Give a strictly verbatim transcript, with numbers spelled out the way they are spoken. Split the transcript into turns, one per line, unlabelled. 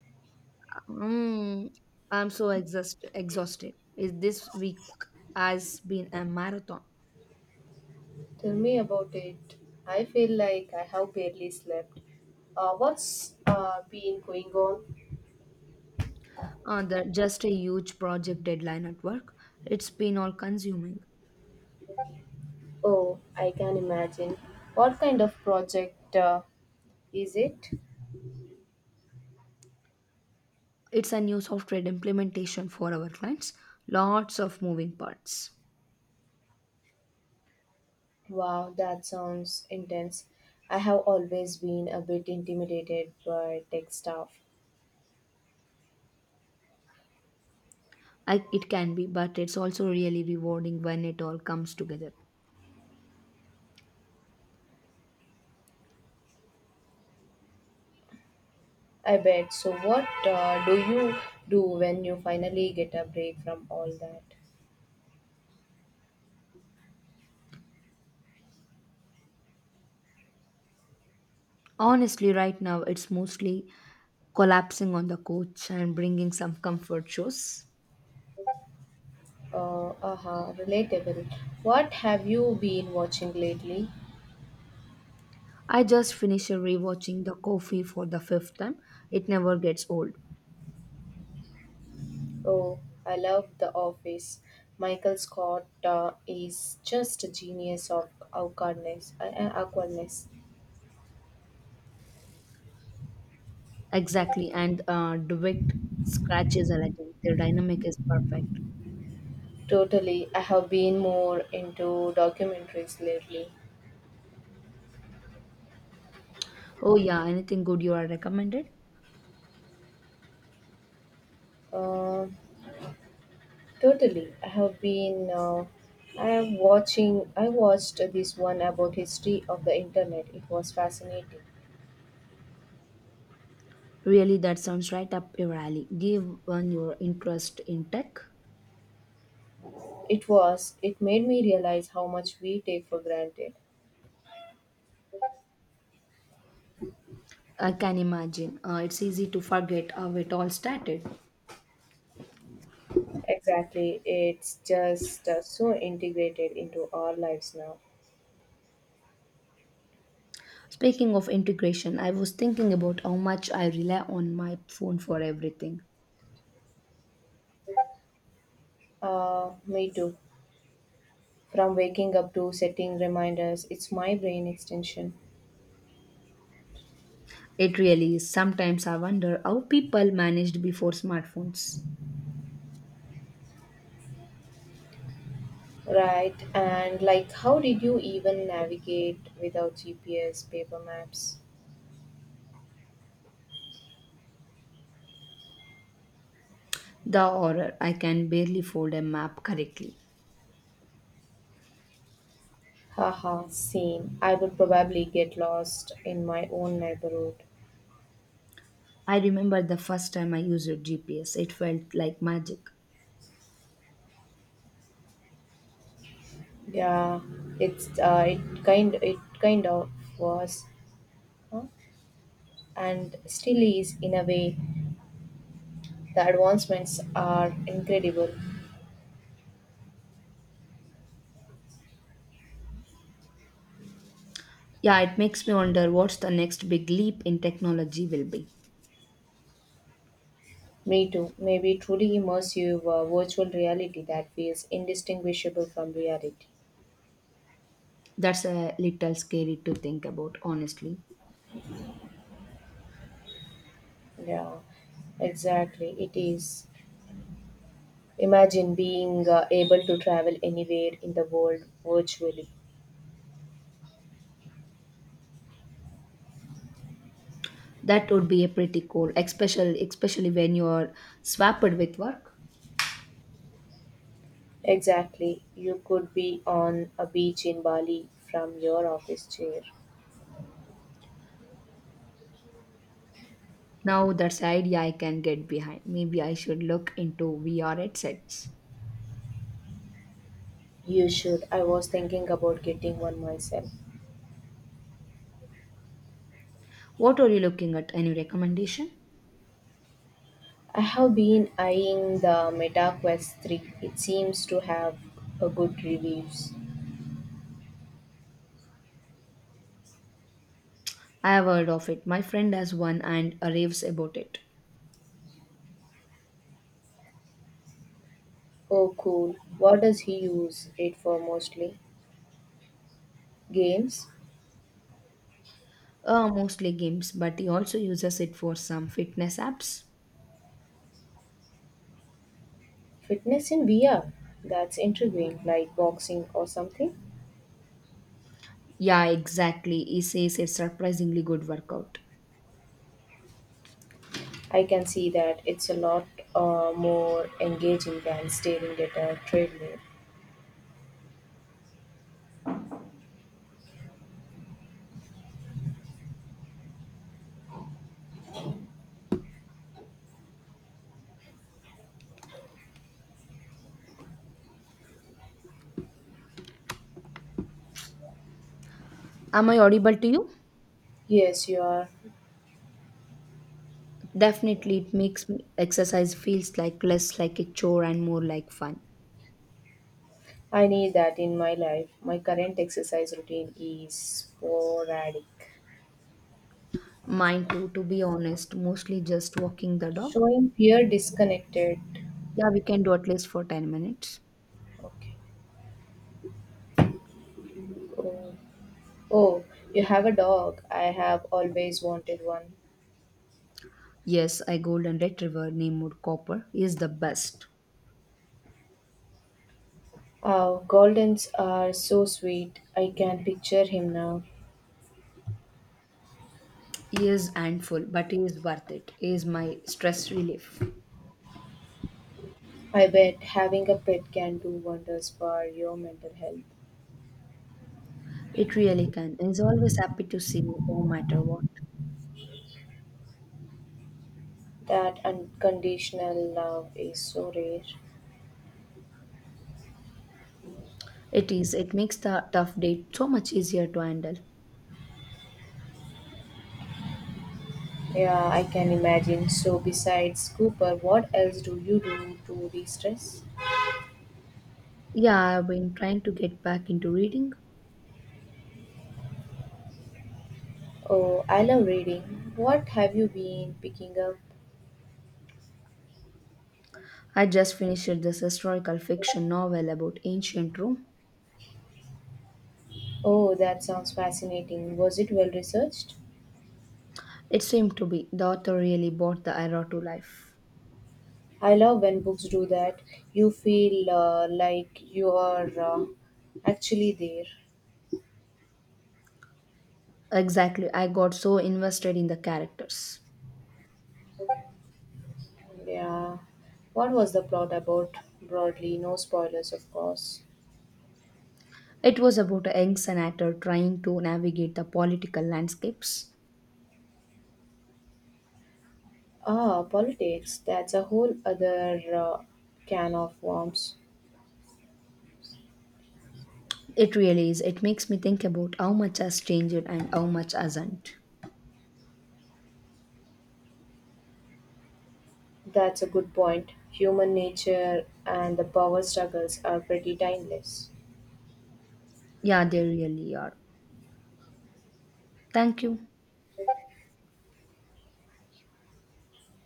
Mm, I'm so exhaust- exhausted. Is This week has been a marathon.
Tell me about it. I feel like I have barely slept. Uh, what's uh, been going on?
Uh, the, just a huge project deadline at work. It's been all consuming.
Oh, I can imagine. What kind of project uh, is it?
It's a new software implementation for our clients. Lots of moving parts.
Wow, that sounds intense. I have always been a bit intimidated by tech stuff.
I, it can be, but it's also really rewarding when it all comes together.
I bet. So, what uh, do you do when you finally get a break from all that?
Honestly, right now, it's mostly collapsing on the coach and bringing some comfort shows.
Uh, aha, Relatable. What have you been watching lately?
I just finished rewatching The Coffee for the fifth time. It never gets old.
Oh, I love The Office. Michael Scott uh, is just a genius of awkwardness. Uh, uh, awkwardness.
Exactly, and uh, DeWitt Scratch is a legend. Their dynamic is perfect.
Totally. I have been more into documentaries lately.
Oh yeah, anything good you are recommended?
Uh, Totally. I have been. Uh, I am watching. I watched this one about history of the internet. It was fascinating.
Really, that sounds right up your alley. Given your interest in tech,
It was. It made me realize how much we take for granted.
I can imagine. Uh, it's easy to forget how it all started.
Exactly. It's just uh, so integrated into our lives now.
Speaking of integration, I was thinking about how much I rely on my phone for everything.
Uh, me too. From waking up to setting reminders, it's my brain extension.
It really is. Sometimes I wonder how people managed before smartphones.
Right, and like, how did you even navigate without G P S, paper maps?
The horror, I can barely fold a map correctly.
Haha, same. I would probably get lost in my own neighborhood.
I remember the first time I used G P S, it felt like magic.
Yeah, it's uh, it kind it kind of was, huh? And still is in a way. The advancements are incredible.
Yeah, it makes me wonder what's the next big leap in technology will be.
Me too. Maybe truly immersive uh, virtual reality that feels indistinguishable from reality.
That's a little scary to think about, honestly.
Yeah, exactly. It is. Imagine being uh, able to travel anywhere in the world virtually.
That would be a pretty cool, especially especially when you're swapped with work.
Exactly. You could be on a beach in Bali from your office chair.
Now that's an idea I can get behind. Maybe I should look into V R headsets.
You should. I was thinking about getting one myself.
What are you looking at? Any recommendation?
I have been eyeing the Meta Quest three. It seems to have a good reviews.
I have heard of it. My friend has one and uh, raves about it.
Oh, cool. What does he use it for mostly? Games?
Uh, mostly games, but he also uses it for some fitness apps.
Fitness in V R? That's intriguing, like boxing or something.
Yeah, exactly. He says it's surprisingly good workout.
I can see that it's a lot uh, more engaging than staring at a treadmill.
Am I audible to you?
Yes, you are.
Definitely, it makes me- exercise feels like less like a chore and more like fun.
I need that in my life. My current exercise routine is sporadic.
Mine too, to be honest, mostly just walking the dog.
Showing fear disconnected.
Yeah, we can do at least for ten minutes.
Okay. Oh, oh, you have a dog. I have always wanted one.
Yes, a golden retriever named Copper is the best.
Oh, Goldens are so sweet. I can picture him now.
He is handful, but he is worth it. He is my stress relief.
I bet having a pet can do wonders for your mental health.
It really can. He's always happy to see me, no matter what.
That unconditional love is so rare.
It is. It makes the tough date so much easier to handle.
Yeah, I can imagine. So, besides Cooper, what else do you do to de stress?
Yeah, I've been trying to get back into reading.
Oh, I love reading. What have you been picking up?
I just finished this historical fiction novel about ancient Rome.
Oh, that sounds fascinating. Was it well researched?
It seemed to be the author really brought the era to life.
I love when books do that. You feel uh, like you are uh, actually there.
Exactly, I got so invested in the characters.
Yeah. What was the plot about broadly? No spoilers, of course.
It was about a young senator trying to navigate the political landscapes.
Ah, politics. That's a whole other uh, can of worms.
It really is. It makes me think about how much has changed and how much hasn't.
That's a good point. Human nature and the power struggles are pretty timeless.
Yeah, they really are. Thank you.